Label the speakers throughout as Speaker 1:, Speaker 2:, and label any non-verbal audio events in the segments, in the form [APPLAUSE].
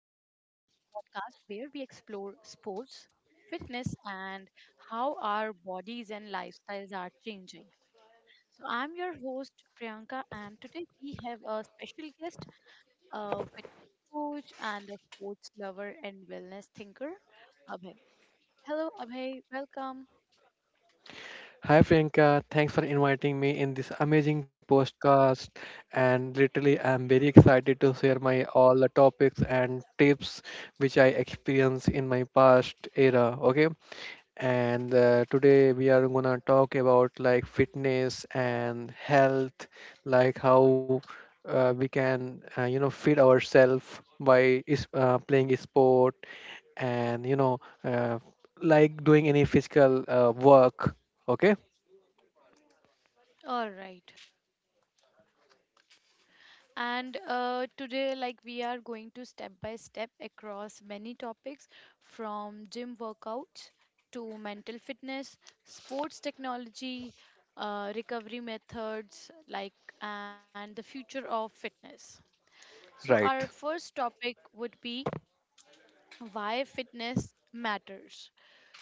Speaker 1: podcast, where we explore sports, fitness, and how our bodies and lifestyles are changing. So, I'm your host, Priyanka, and today we have a special guest, a fitness coach, and a sports lover and wellness thinker, Abhay. Hello, Abhay. Welcome.
Speaker 2: Hi Priyanka, thanks for inviting me in this amazing podcast. And literally, I'm very excited to share my all the topics and tips which I experienced in my past era. Okay, and today we are gonna talk about like fitness and health, like how we can feed ourselves by is playing a sport and like doing any physical work. Okay.
Speaker 1: All right. And today, we are going to step by step across many topics from gym workouts to mental fitness, sports technology, recovery methods, and the future of fitness. So, our
Speaker 2: Right.
Speaker 1: first topic would be why fitness matters.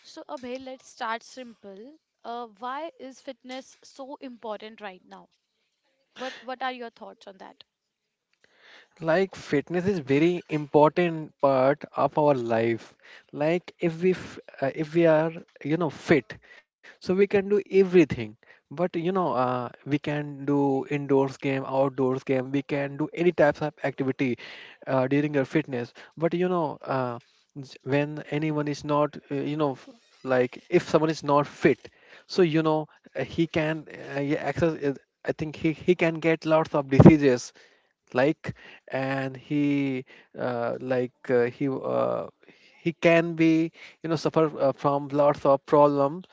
Speaker 1: So, Abhay, let's start simple. Why is fitness so important right now? What are your thoughts on that?
Speaker 2: Like fitness is very important part of our life. Like if we are you know fit, so we can do everything. But you know we can do indoors game, outdoors game. We can do any types of activity during our fitness. But when anyone is not you know like if someone is not fit, so you know he can yeah, access. I think he can get lots of diseases like and he uh, like uh, he uh, he can be you know suffer from lots of problems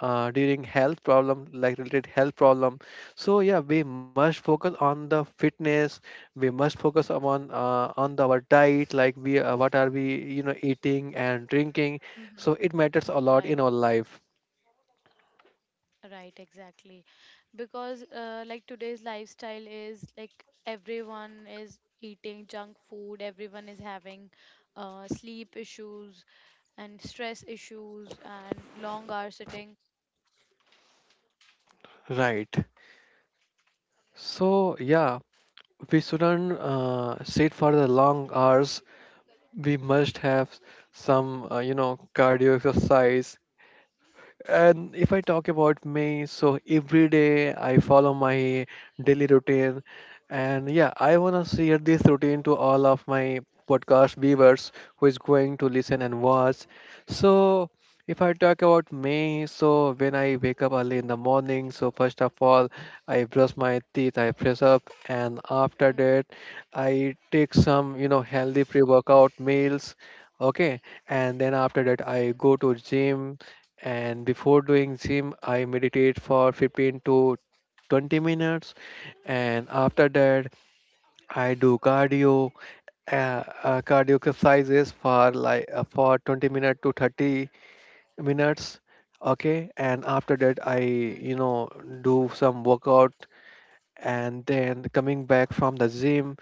Speaker 2: during health problem like related health problem, so yeah, we must focus on the fitness, we must focus on our diet, like we what are we you know eating and drinking,
Speaker 1: Mm-hmm.
Speaker 2: so it matters a lot in our life,
Speaker 1: Right, exactly. Because like today's lifestyle is like everyone is eating junk food, everyone is having sleep issues and stress issues and long hour sitting.
Speaker 2: right. So yeah, we shouldn't sit for the long hours, we must have some you know cardio exercise. And if I talk about me, so every day I follow my daily routine. And yeah, I want to share this routine to all of my podcast viewers who is going to listen and watch. So if I talk about me, so when I wake up early in the morning, so first of all, I brush my teeth, I press up, and after
Speaker 1: Mhm,
Speaker 2: that, I take some, you know, healthy pre-workout meals. Okay, and then after that, I go to gym, and before doing gym I meditate for 15 to 20 minutes, and after that I do cardio cardio exercises for like for 20 minutes to 30 minutes. Okay, and after that I
Speaker 1: mhm.
Speaker 2: you know do some workout, and then coming back from the gym,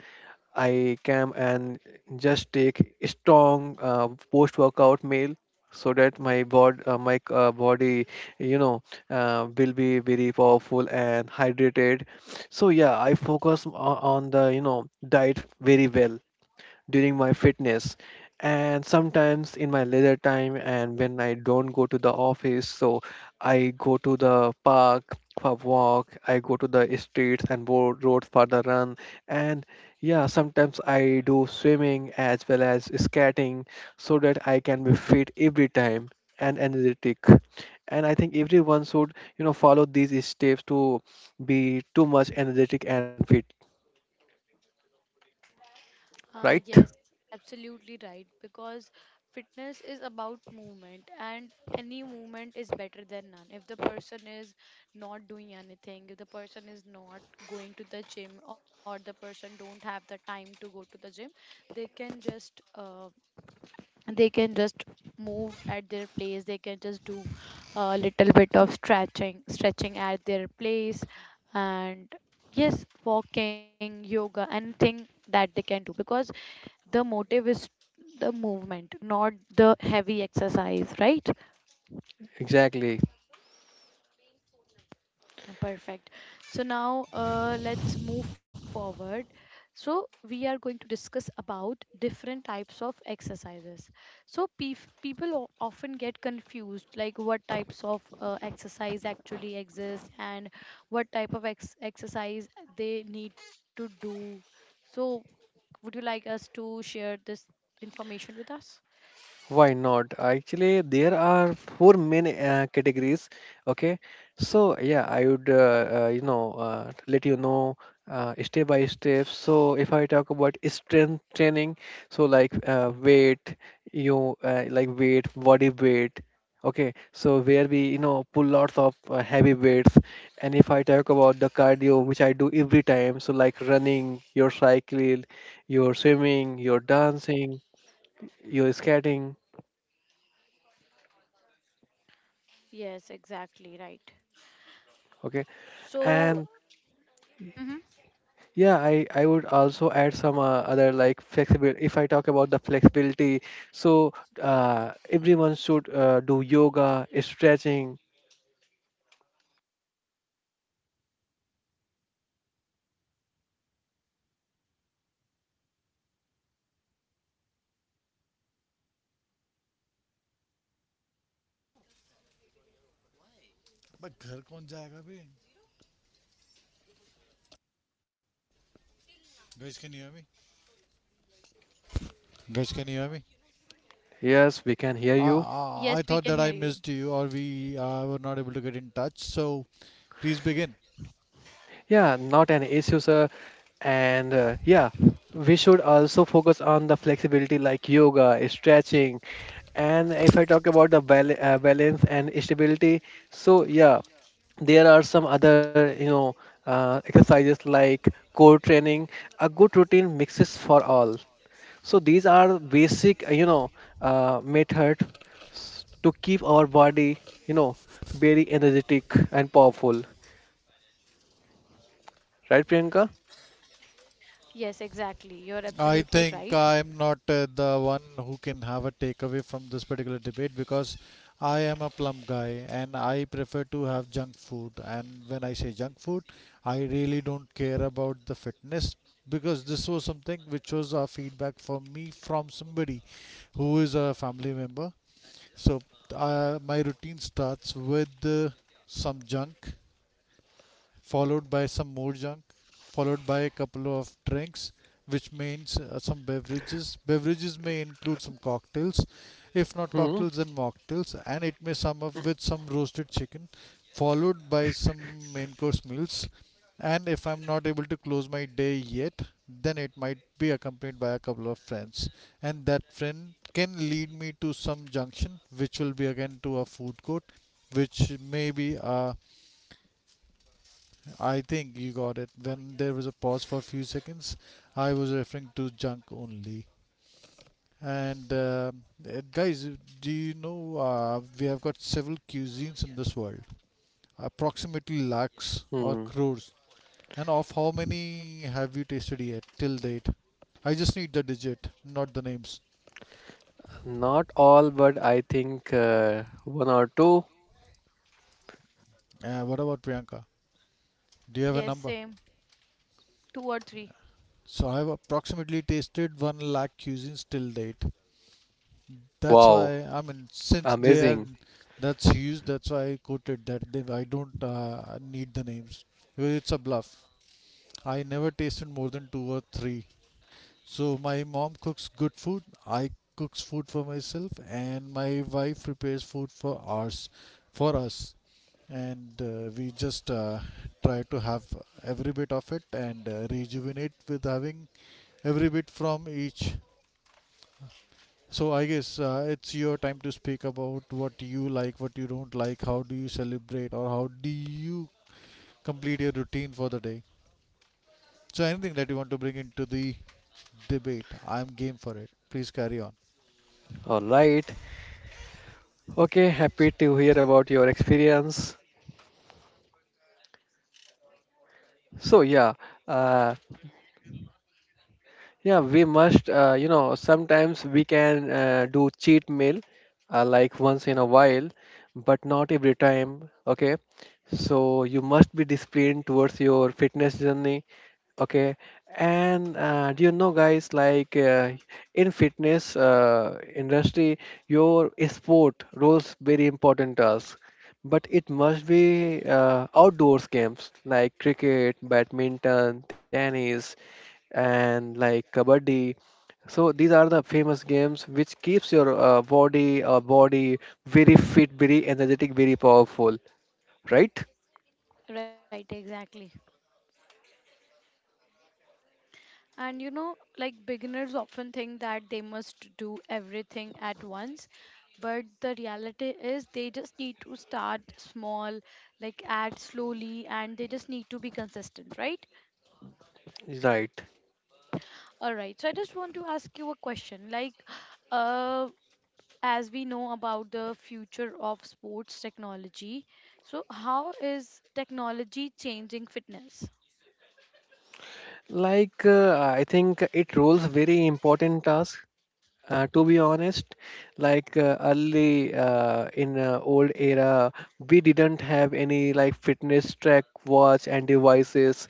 Speaker 2: I come and just take strong post-workout meal so that my bod my body you know will be very powerful and hydrated. So yeah, I focus on the you know diet very well during my fitness. And sometimes in my leisure time and when I don't go to the office, so I go to the park for walk, I go to the streets and roads for the run. And yeah, sometimes I do swimming as well as skating, so that I can be fit every time and energetic. And I think everyone should you know follow these steps to be too much energetic and fit, right.
Speaker 1: Yes, absolutely right. Because fitness is about movement, and any movement is better than none. If the person is not doing anything, if the person is not going to the gym, or the person don't have the time to go to the gym, they can just uh, they can just move at their place, they can just do a little bit of stretching at their place, and yes, walking, yoga, anything that they can do, because the motive is the movement, not the heavy exercise, right?
Speaker 2: Exactly.
Speaker 1: Perfect. So now let's move forward. So we are going to discuss about different types of exercises. So people often get confused like what types of exercise actually exist and what type of exercise they need to do. So would you like us to share this information with us?
Speaker 2: Why not? Actually, there are four main categories. Okay, so yeah, I would let you know step by step. So if I talk about strength training, so like weight, you like weight, body weight. Okay, so where we you know pull lots of heavy weights. And if I talk about the cardio, which I do every time, so like running, your cycling, your swimming, your dancing, your skating.
Speaker 1: Yes, exactly, right.
Speaker 2: Okay.
Speaker 1: So,
Speaker 2: And
Speaker 1: mhm.
Speaker 2: yeah, I would also add some other like flexibility. If I talk about the flexibility, so everyone should do yoga, stretching.
Speaker 3: But घर कौन जाएगा भी? Guys, can you hear me? Guys, can you hear me?
Speaker 2: Yes, we can hear
Speaker 3: I,
Speaker 2: you.
Speaker 1: Yes, we
Speaker 3: I, I
Speaker 1: can hear
Speaker 3: thought that
Speaker 1: you.
Speaker 3: I missed you or we were not able to get in touch. So please begin.
Speaker 2: Yeah, not an issue, sir. And yeah, we should also focus on the flexibility like yoga, stretching. And if I talk about the balance and stability, so yeah, there are some other you know exercises like core training, a good routine mixes for all. So these are basic method to keep our body you know very energetic and powerful, right Priyanka.
Speaker 1: Yes, exactly. You're absolutely
Speaker 3: I
Speaker 1: right.
Speaker 3: think I'm not the one who can have a takeaway from this particular debate because I am a plump guy and I prefer to have junk food. And when I say junk food, I really don't care about the fitness because this was something which was a feedback for me from somebody who is a family member. So my routine starts with some junk, followed by some more junk, followed by a couple of drinks, which means some beverages. Beverages may include some cocktails, if not
Speaker 2: Hmm.
Speaker 3: cocktails, then mocktails, and it may sum up with some roasted chicken, followed by some main course meals. And if I'm not able to close my day yet, then it might be accompanied by a couple of friends, and that friend can lead me to some junction, which will be again to a food court, which may be a— I think you got it. When there was a pause for a few seconds, I was referring to junk only. And Guys, do you know we have got several cuisines in this world, approximately lakhs or
Speaker 2: Hmm.
Speaker 3: crores. And of how many have you tasted yet till date? I just need the digit, not the names.
Speaker 2: Not all, but I think one or two.
Speaker 3: What about Priyanka? Do you have a
Speaker 1: Yes,
Speaker 3: number?
Speaker 1: same. Two or three.
Speaker 3: So I have approximately tasted one lakh cuisines till date. That's
Speaker 2: Wow,
Speaker 3: why, I mean, since they are—
Speaker 2: amazing.
Speaker 3: that's why I quoted that. They, I don't need the names because it's a bluff. I never tasted more than two or three. So my mom cooks good food. I cooks food for myself, and my wife prepares food for ours, for us, and we just try to have every bit of it and rejuvenate with having every bit from each. So I guess it's your time to speak about what you like, what you don't like, how do you celebrate, or how do you complete your routine for the day. So anything that you want to bring into the debate, I'm game for it. Please carry on.
Speaker 2: All right. Okay, happy to hear about your experience. So yeah uh, yeah, we must, you know, sometimes we can do cheat meal like once in a while, but not every time. Okay. So you must be disciplined towards your fitness journey. Okay. And do you know, guys, like in fitness industry, your sport roles very important task, but it must be outdoors games like cricket, badminton, tennis, and like kabaddi. So these are the famous games which keeps your body very fit, very energetic, very powerful, right?
Speaker 1: Right, exactly. And you know, like beginners often think that they must do everything at once, but the reality is they just need to start small, like add slowly, and they just need to be consistent, right?
Speaker 2: Right.
Speaker 1: All right. So I just want to ask you a question. Uh, as we know about the future of sports technology, so how is technology changing fitness?
Speaker 2: Like I think it rules very important task. To be honest, like early in old era, we didn't have any like fitness track watch and devices.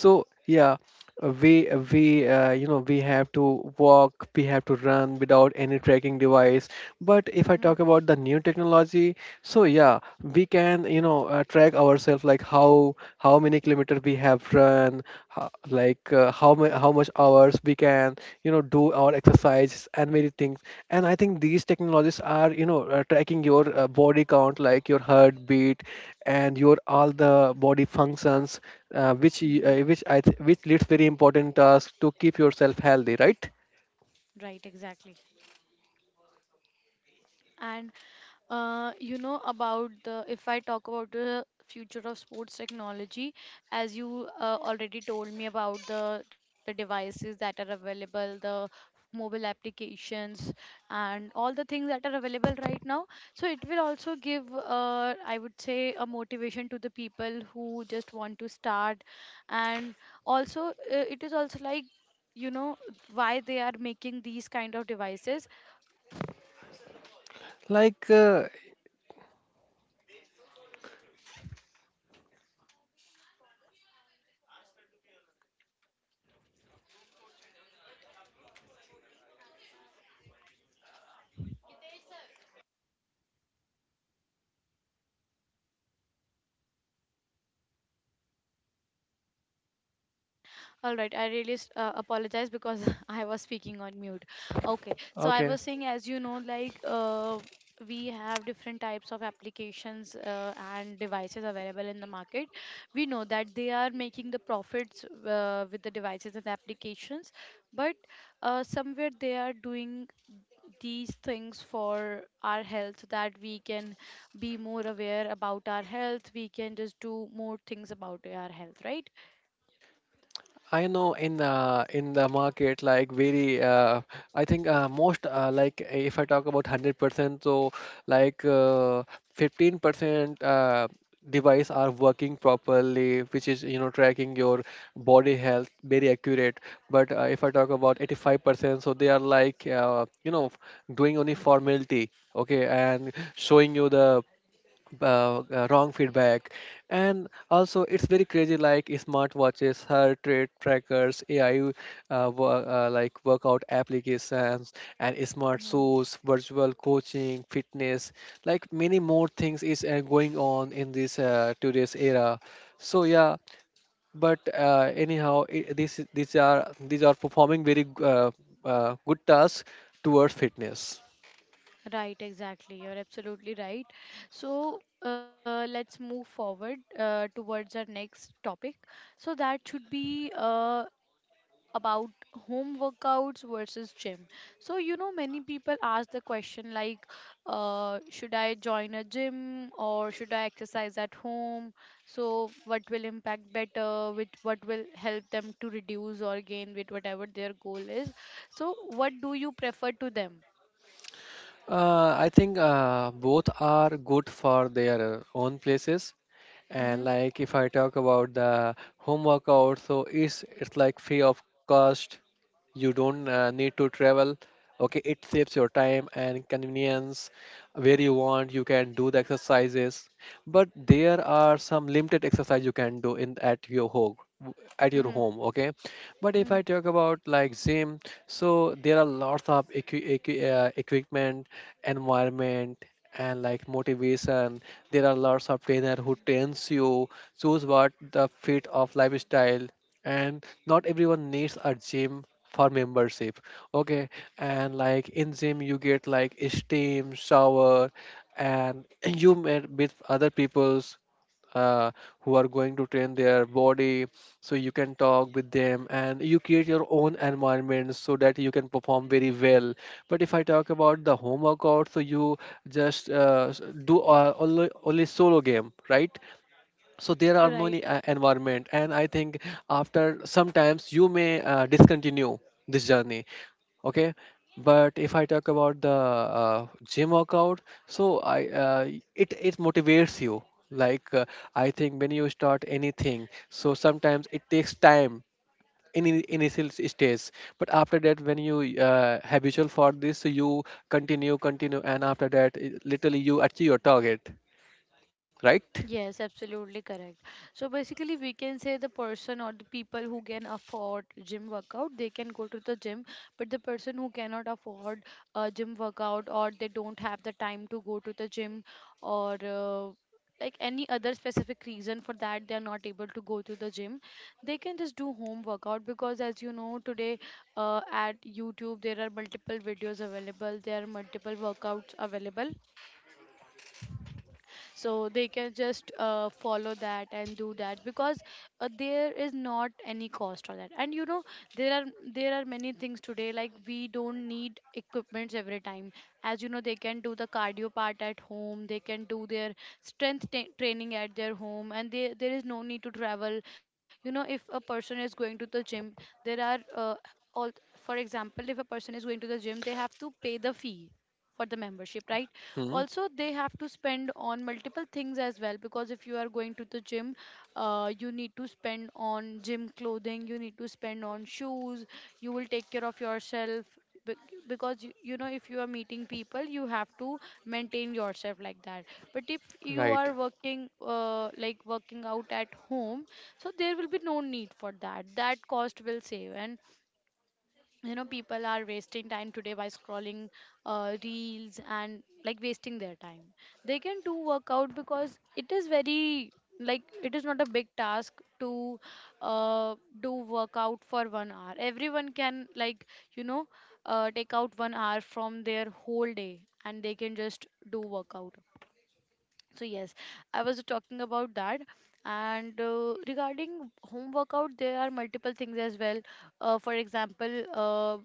Speaker 2: So yeah, we you know we have to walk, we have to run without any tracking device. But if I talk
Speaker 1: Mm-hmm.
Speaker 2: about the new technology, so yeah, we can you know track ourselves like how many kilometers we have run, how, like how much hours we can you know do our exercise and many things. And I think these technologies are you know tracking your body count like your heartbeat and your all the body functions, which y-
Speaker 1: Mm-hmm.
Speaker 2: which I th- which leads very important task to keep yourself healthy, right.
Speaker 1: Right, exactly. And you know about the if I talk about the future of sports technology, as you already told me about the devices that are available, the mobile applications and all the things that are available right now, so it will also give I would say a motivation to the people who just want to start, and also it is also like, you know, why they are making these kind of devices.
Speaker 2: like uh,
Speaker 1: All right, I really apologize because [LAUGHS] I was speaking on mute. Okay, so I
Speaker 2: okay.
Speaker 1: was saying, as you know, we have different types of applications and devices available in the market. We know that they are making the profits with the devices and applications, but somewhere they are doing these things for our health so that we can be more aware about our health. We can just do more things about our health, right?
Speaker 2: I know in the market, like very I think most like if I talk about 100%, so like 15% device are working properly, which is you know tracking your body health very accurate. But if I talk about 85%, so they are like you know doing only formality. Okay, and showing you the wrong feedback. And also it's very crazy like smartwatches, heart rate trackers, AI like workout applications and smart shoes, virtual coaching fitness, like many more things is going on in this today's era. So yeah, but anyhow, I this these are, these are performing very uh, good tasks towards fitness.
Speaker 1: Right, exactly. You're absolutely right. So let's move forward towards our next topic. So that should be about home workouts versus gym. So, you know, many people ask the question like, should I join a gym or should I exercise at home? So, what will impact better? What will help them to reduce or gain with whatever their goal is? So, what do you prefer to them?
Speaker 2: I think both are good for their own places. And
Speaker 1: Mm-hmm,
Speaker 2: like if I talk about the home workout, so it's like free of cost, you don't need to travel, okay, it saves your time and convenience, where you want you can do the exercises. But there are some limited exercise you can do in at your home,
Speaker 1: mm-hmm,
Speaker 2: okay. But if
Speaker 1: mm-hmm.
Speaker 2: I talk about like gym, so there are lots of equipment, environment, and like motivation. There are lots of trainer who trains you, choose what the fit of lifestyle. And not everyone needs a gym for membership. Okay. And like in gym you get like steam shower, and [CLEARS THROAT] you met with other people's uh, who are going to train their body, so you can talk with them and you create your own environment so that you can perform very well. But if I talk about the home workout, so you just uh, s- do only solo game, right. So there are no
Speaker 1: Right.
Speaker 2: any environment, and I think after sometimes you may discontinue this journey. Okay. But if I talk about the gym workout, so I it it motivates you like I think when you start anything, so sometimes it takes time in initial stage. But after that when you habitual for this, so you continue and after that it, literally you achieve your target, right.
Speaker 1: Yes, absolutely correct. So basically, we can say the person or the people who can afford gym workout, they can go to the gym. But the person who cannot afford a gym workout, or they don't have the time to go to the gym, or like any other specific reason for that, they are not able to go to the gym. They can just do home workout because, as you know, today at YouTube there are multiple videos available. There are multiple workouts available, so they can just follow that and do that, because there is not any cost for that, and you know, there are there are many things today, like we don't need equipments every time. As you know, they can do the cardio part at home, they can do their strength ta training at their home, and there is no need to travel. You know, if a person is going to the gym, there are uh, all for example, if a person is going to the gym, they have to pay the fee for the membership, right?
Speaker 2: Hmm.
Speaker 1: Also, they have to spend on multiple things as well, because if you are going to the gym, you need to spend on gym clothing, you need to spend on shoes, you will take care of yourself, bec- because you know, if you are meeting people you have to maintain yourself like that. But if you
Speaker 2: Right.
Speaker 1: are working out at home, so there will be no need for that, that cost will save. And you know, people are wasting time today by scrolling reels and like wasting their time. They can do workout, because it is very, like it is not a big task to uh, do workout for 1 hour. Everyone can, like, you know, take out 1 hour from their whole day and they can just do workout. So yes, I was talking about that. And regarding home workout there are multiple things as well. For example,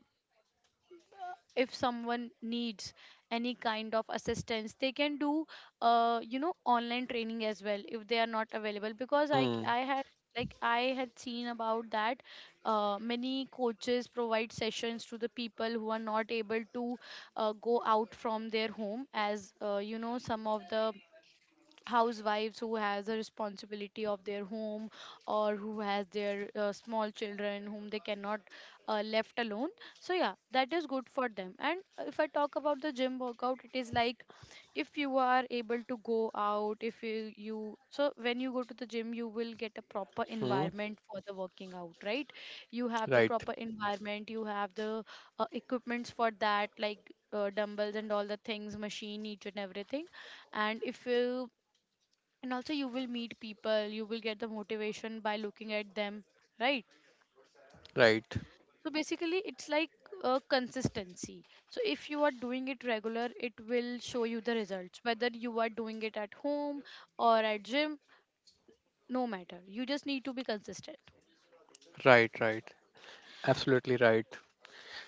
Speaker 1: if someone needs any kind of assistance, they can do you know, online training as well if they are not available, because I had, like I had seen about that, many coaches provide sessions to the people who are not able to go out from their home, as you know, some of the housewives who has a responsibility of their home, or who has their small children whom they cannot left alone. So yeah, that is good for them. And if I talk about the gym workout, it is like, if you are able to go out, if you, you so when you go to the gym you will get a proper
Speaker 2: Hmm.
Speaker 1: environment for the working out, right? You have the
Speaker 2: Right.
Speaker 1: proper environment, you have the equipments for that, like dumbbells and all the things, machine, each and everything. And if you and also you will meet people, you will get the motivation by looking at them, right?
Speaker 2: Right.
Speaker 1: So basically it's like a consistency. So if you are doing it regular, it will show you the results, whether you are doing it at home or at gym, no matter, you just need to be consistent.
Speaker 2: Right. Right. Absolutely right.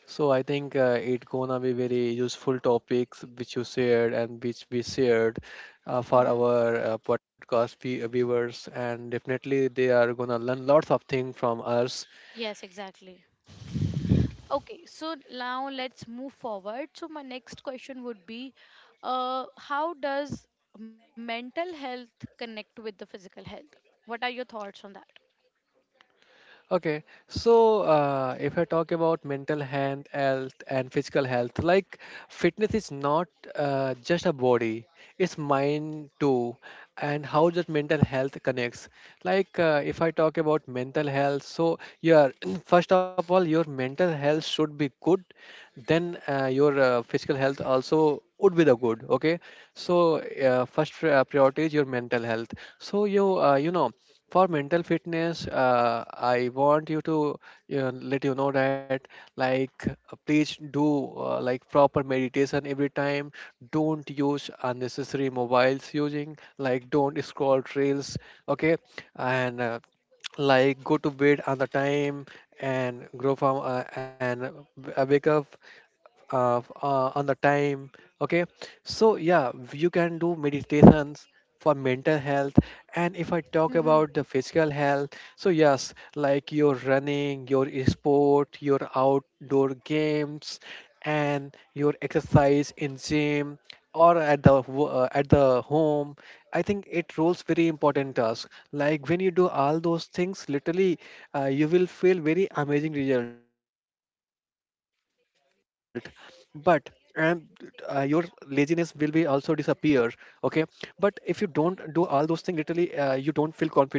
Speaker 2: So I think it gonna be very useful topics which you shared and which we shared for
Speaker 1: Mm-hmm.
Speaker 2: our viewers, and definitely they are gonna learn lots of things from us.
Speaker 1: Yes, exactly. Okay, so now let's move forward, so my next question would be, how does mental health connect with the physical health? What are your thoughts on
Speaker 2: Okay, so if I talk about mental health, health and physical health, like fitness is not just a body, it's mind too, and how that mental health connects. Like if I talk about mental health, so yeah, [CLEARS THROAT] first of all, your mental health should be good, then your physical health also would be the good. Okay, so priority is your mental health. So you you know for mental fitness, I want you to, let you know that, please do like proper meditation every time. Don't use unnecessary mobiles, using like, don't scroll trails. Okay. And like go to bed on the time, and grow from and wake up on the time. Okay. So yeah, you can do meditations for mental health. And if I talk
Speaker 1: that? [LAUGHS]
Speaker 2: about the physical health, so yes, like your running, your sport, your outdoor games, and your exercise in gym, or at at the home, I think it rolls very important task. Like when you do all those things literally, you will feel very amazing result. But and your laziness will be also disappear. Okay. But if you don't do all those things literally, you don't feel confident.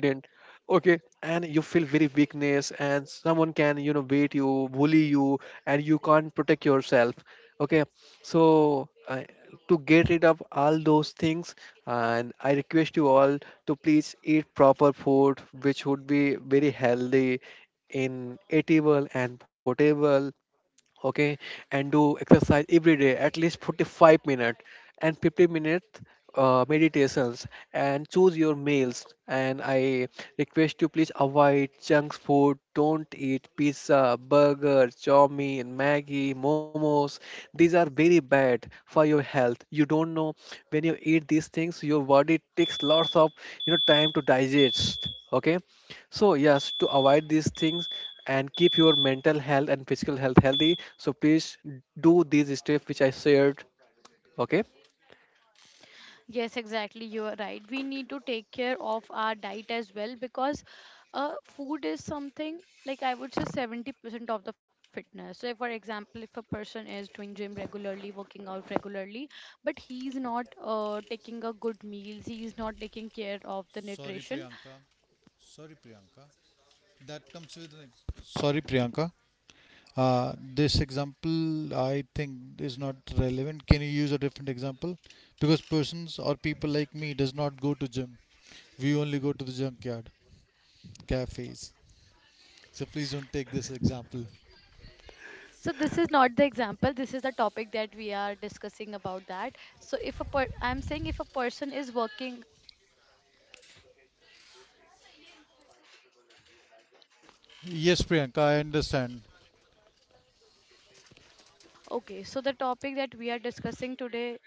Speaker 2: Okay. And you feel very weakness, and someone can, you know, beat you, bully you, and you can't protect yourself. Okay. So, to get rid of all those things, and I request you all to please eat proper food, which would be very healthy, in eatable and potable. Okay. And do exercise every day, at least 45 minutes, and 50 minutes meditations, and choose your meals. And I request you, please avoid junk food. Don't eat pizza, burger, chow mein, maggie, momos. These are very bad for your health. You don't know, when you eat these things, your body takes lots of, you know, time to digest. Okay. So yes, to avoid these things, and keep your mental health and physical health healthy. So please do these steps which I shared. Okay.
Speaker 1: Yes, exactly. You are right. We need to take care of our diet as well, because food is something, like I would say 70% of the fitness. So, if, for example, if a person is doing gym regularly, working out regularly, but he's not taking a good meals, he's not taking care of the
Speaker 3: Sorry,
Speaker 1: nutrition.
Speaker 3: Priyanka. Sorry, Priyanka. That comes with an. Ex- Sorry, Priyanka. This example I think is not relevant. Can you use a different example? Because persons or people like me does not go to gym. We only go to the junkyard, cafes. So please don't take this example.
Speaker 1: So, this is not the example. This is the topic that we are discussing about that. So, if a I'm saying if a person is working.
Speaker 3: Yes, Priyanka, I understand.
Speaker 1: Okay, so the topic that we are discussing today.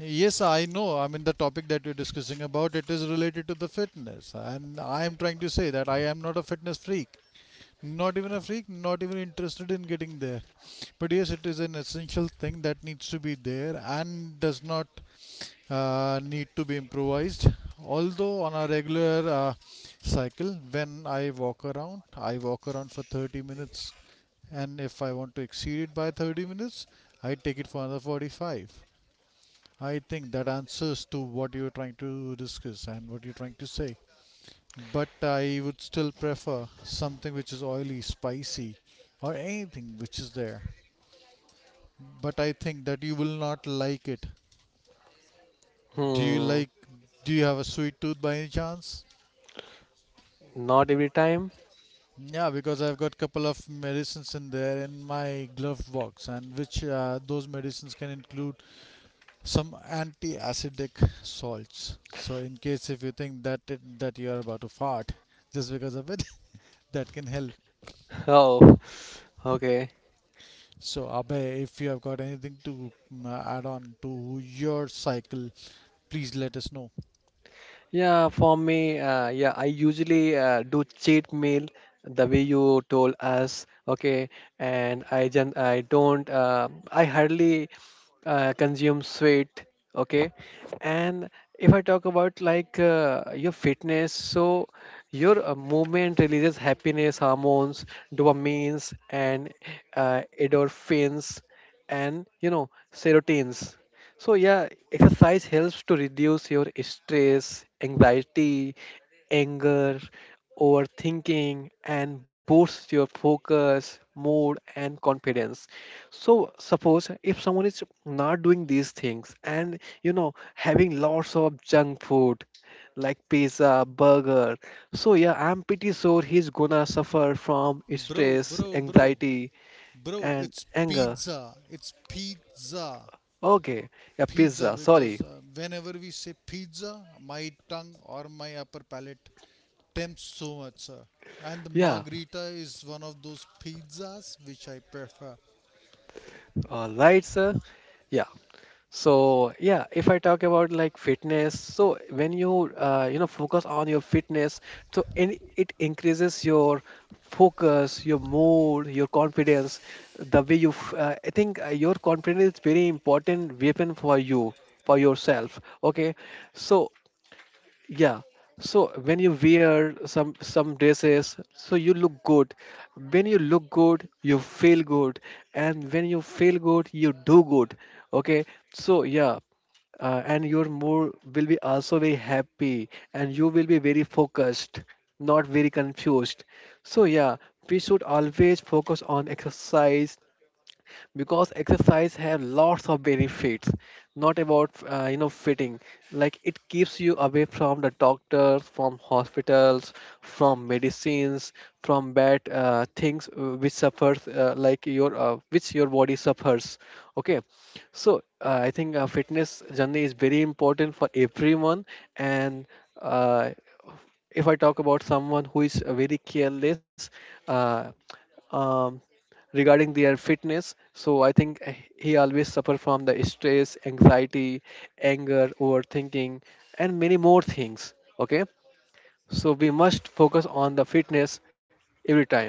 Speaker 3: Yes, I know. I mean, the topic that you're discussing about it is related to the fitness, and I am trying to say that I am not a fitness freak, not even a freak, not even interested in getting there. But yes, it is an essential thing that needs to be there and does not need to be improvised. Although on a regular cycle, when I walk around for 30 minutes, and if I want to exceed it by 30 minutes, I take it for another 45. I think that answers to what you are trying to discuss and what you're trying to say. But I would still prefer something which is oily, spicy, or anything which is there. But I think that you will not like it. Do you
Speaker 2: Hmm.
Speaker 3: like? Do you have a sweet tooth by any chance?
Speaker 2: Not every time.
Speaker 3: Yeah, because I've got couple of medicines in there in my glove box, and which those medicines can include some anti-acidic salts, so in case if you think that that you are about to fart just because of it [LAUGHS] that can help.
Speaker 2: [LAUGHS] Oh. Okay.
Speaker 3: So abe, if you have got anything to add on to your cycle, please let us know.
Speaker 2: Yeah, for me, yeah, I usually do cheat meal the way you told us, okay, and I don't, I hardly consume sweet, okay, and if I talk about like, your fitness, so your movement releases happiness hormones, dopamines, and endorphins, and you know, serotins. So yeah, exercise helps to reduce your stress, anxiety, anger, overthinking, and boosts your focus, mood, and confidence. So suppose if someone is not doing these things and, you know, having lots of junk food like pizza, burger, so yeah, I'm pretty sure he's gonna suffer from
Speaker 3: Bro,
Speaker 2: stress,
Speaker 3: bro, bro,
Speaker 2: anxiety,
Speaker 3: bro,
Speaker 2: and
Speaker 3: it's
Speaker 2: anger.
Speaker 3: pizza. It's pizza.
Speaker 2: Okay, yeah,
Speaker 3: Pizza,
Speaker 2: pizza. Sorry.
Speaker 3: because whenever we say pizza, my tongue or my upper palate tempts so much, sir. And the
Speaker 2: Yeah.
Speaker 3: margarita is one of those pizzas which I prefer.
Speaker 2: All right, sir. Yeah. So yeah, if I talk about like fitness, so when you, you know, focus on your fitness, so it increases your focus, your mood, your confidence. The way you, f- I think your confidence is very important weapon for you, for yourself. Okay, so yeah. So when you wear some dresses, so you look good. When you look good, you feel good, and when you feel good, you do good. Okay. So yeah, and your mood will be also very happy, and you will be very focused, not very confused. So yeah, we should always focus on exercise, because exercise has lots of benefits, not about, you know, fitting. Like it keeps you away from the doctors, from hospitals, from medicines, from bad things, which your body suffers. Okay. So, I think, fitness journey is very important for everyone. And uh, if I talk about someone who is very careless, uh, um, regarding their fitness, so I think, he always suffer from the stress, anxiety, anger, overthinking, and many more things. Okay. So we must focus on the fitness every time.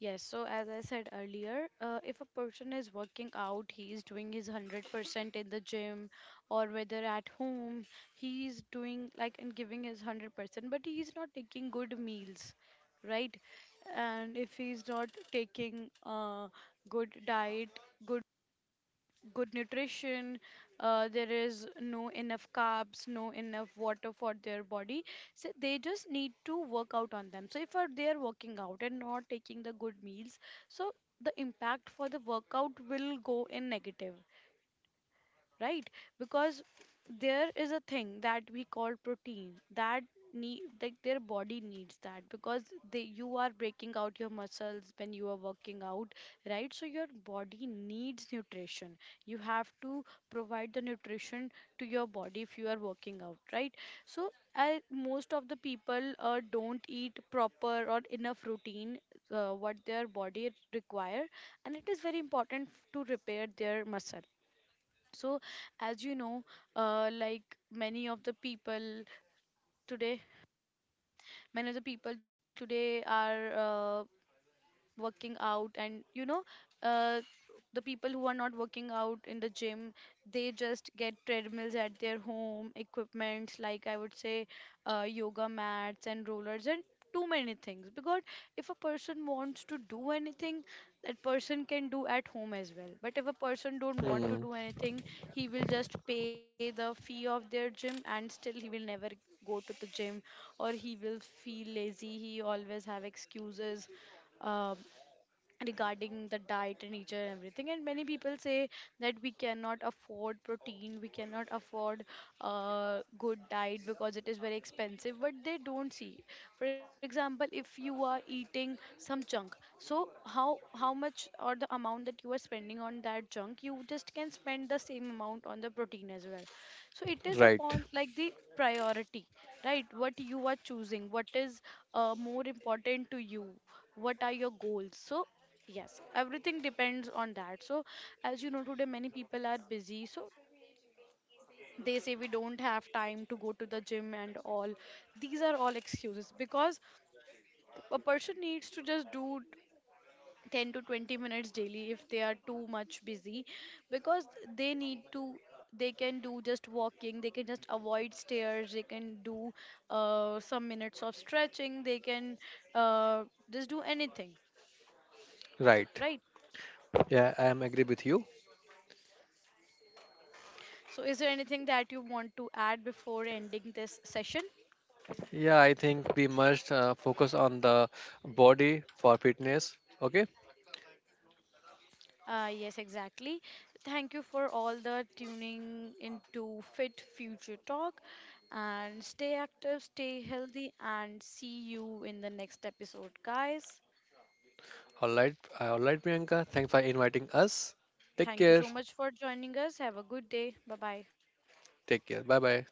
Speaker 1: Yes, so as I said earlier, if a person is working out, he is doing his 100% in the gym or whether at home, he is doing, like, and giving his 100%, but he is not taking good meals, right? And if he is not taking good diet, good good nutrition, there is no enough carbs, no enough water for their body, so they just need to work out on them. So if they are working out and not taking the good meals, so the impact for the workout will go in negative, right? Because there is a thing that we call protein that need like their body needs that, because they you are breaking out your muscles when you are working out, right? So your body needs nutrition, you have to provide the nutrition to your body if you are working out, right? So most of the people don't eat proper or enough routine, what their body require. And it is very important to repair their muscle. So as you know, uh, like many of the people today many of the people today are uh, working out, and you know, uh, the people who are not working out in the gym, they just get treadmills at their home, equipments, like I would say, yoga mats and rollers and too many things. Because if a person wants to do anything, that person can do at home as well. But if a person don't want to
Speaker 2: Hmm,
Speaker 1: do anything, he will just pay the fee of their gym and still he will never go to the gym, or he will feel lazy, he always have excuses, um regarding the diet and nature and everything. And many people say that we cannot afford protein, we cannot afford good diet because it is very expensive. But they don't see, for example, if you are eating some junk, so how much or the amount that you are spending on that junk, you just can spend the same amount on the protein as well. So it is
Speaker 2: right,
Speaker 1: upon, like, the priority, right? What you are choosing, what is more important to you, what are your goals. So yes, everything depends on that. So, as you know, today many people are busy. So, they say we don't have time to go to the gym and all. These are all excuses, because a person needs to just do 10 to 20 minutes daily if they are too much busy, because they need to, they can do just walking, they can just avoid stairs, they can do some minutes of stretching, they can uh, just do anything,
Speaker 2: right.
Speaker 1: right?
Speaker 2: Yeah, I am agree with you.
Speaker 1: So, is there anything that you want to add before ending this session?
Speaker 2: Yeah, I think we must focus on the body for fitness. Okay.
Speaker 1: Yes, exactly. Thank you for all the tuning into Fit Future Talk, and stay active, stay healthy, and see you in the next episode, guys.
Speaker 2: All right. All right, Priyanka, thanks for inviting us. Take
Speaker 1: Thank you
Speaker 2: care.
Speaker 1: so much for joining us. Have a good day. Bye bye.
Speaker 2: Take care, bye bye.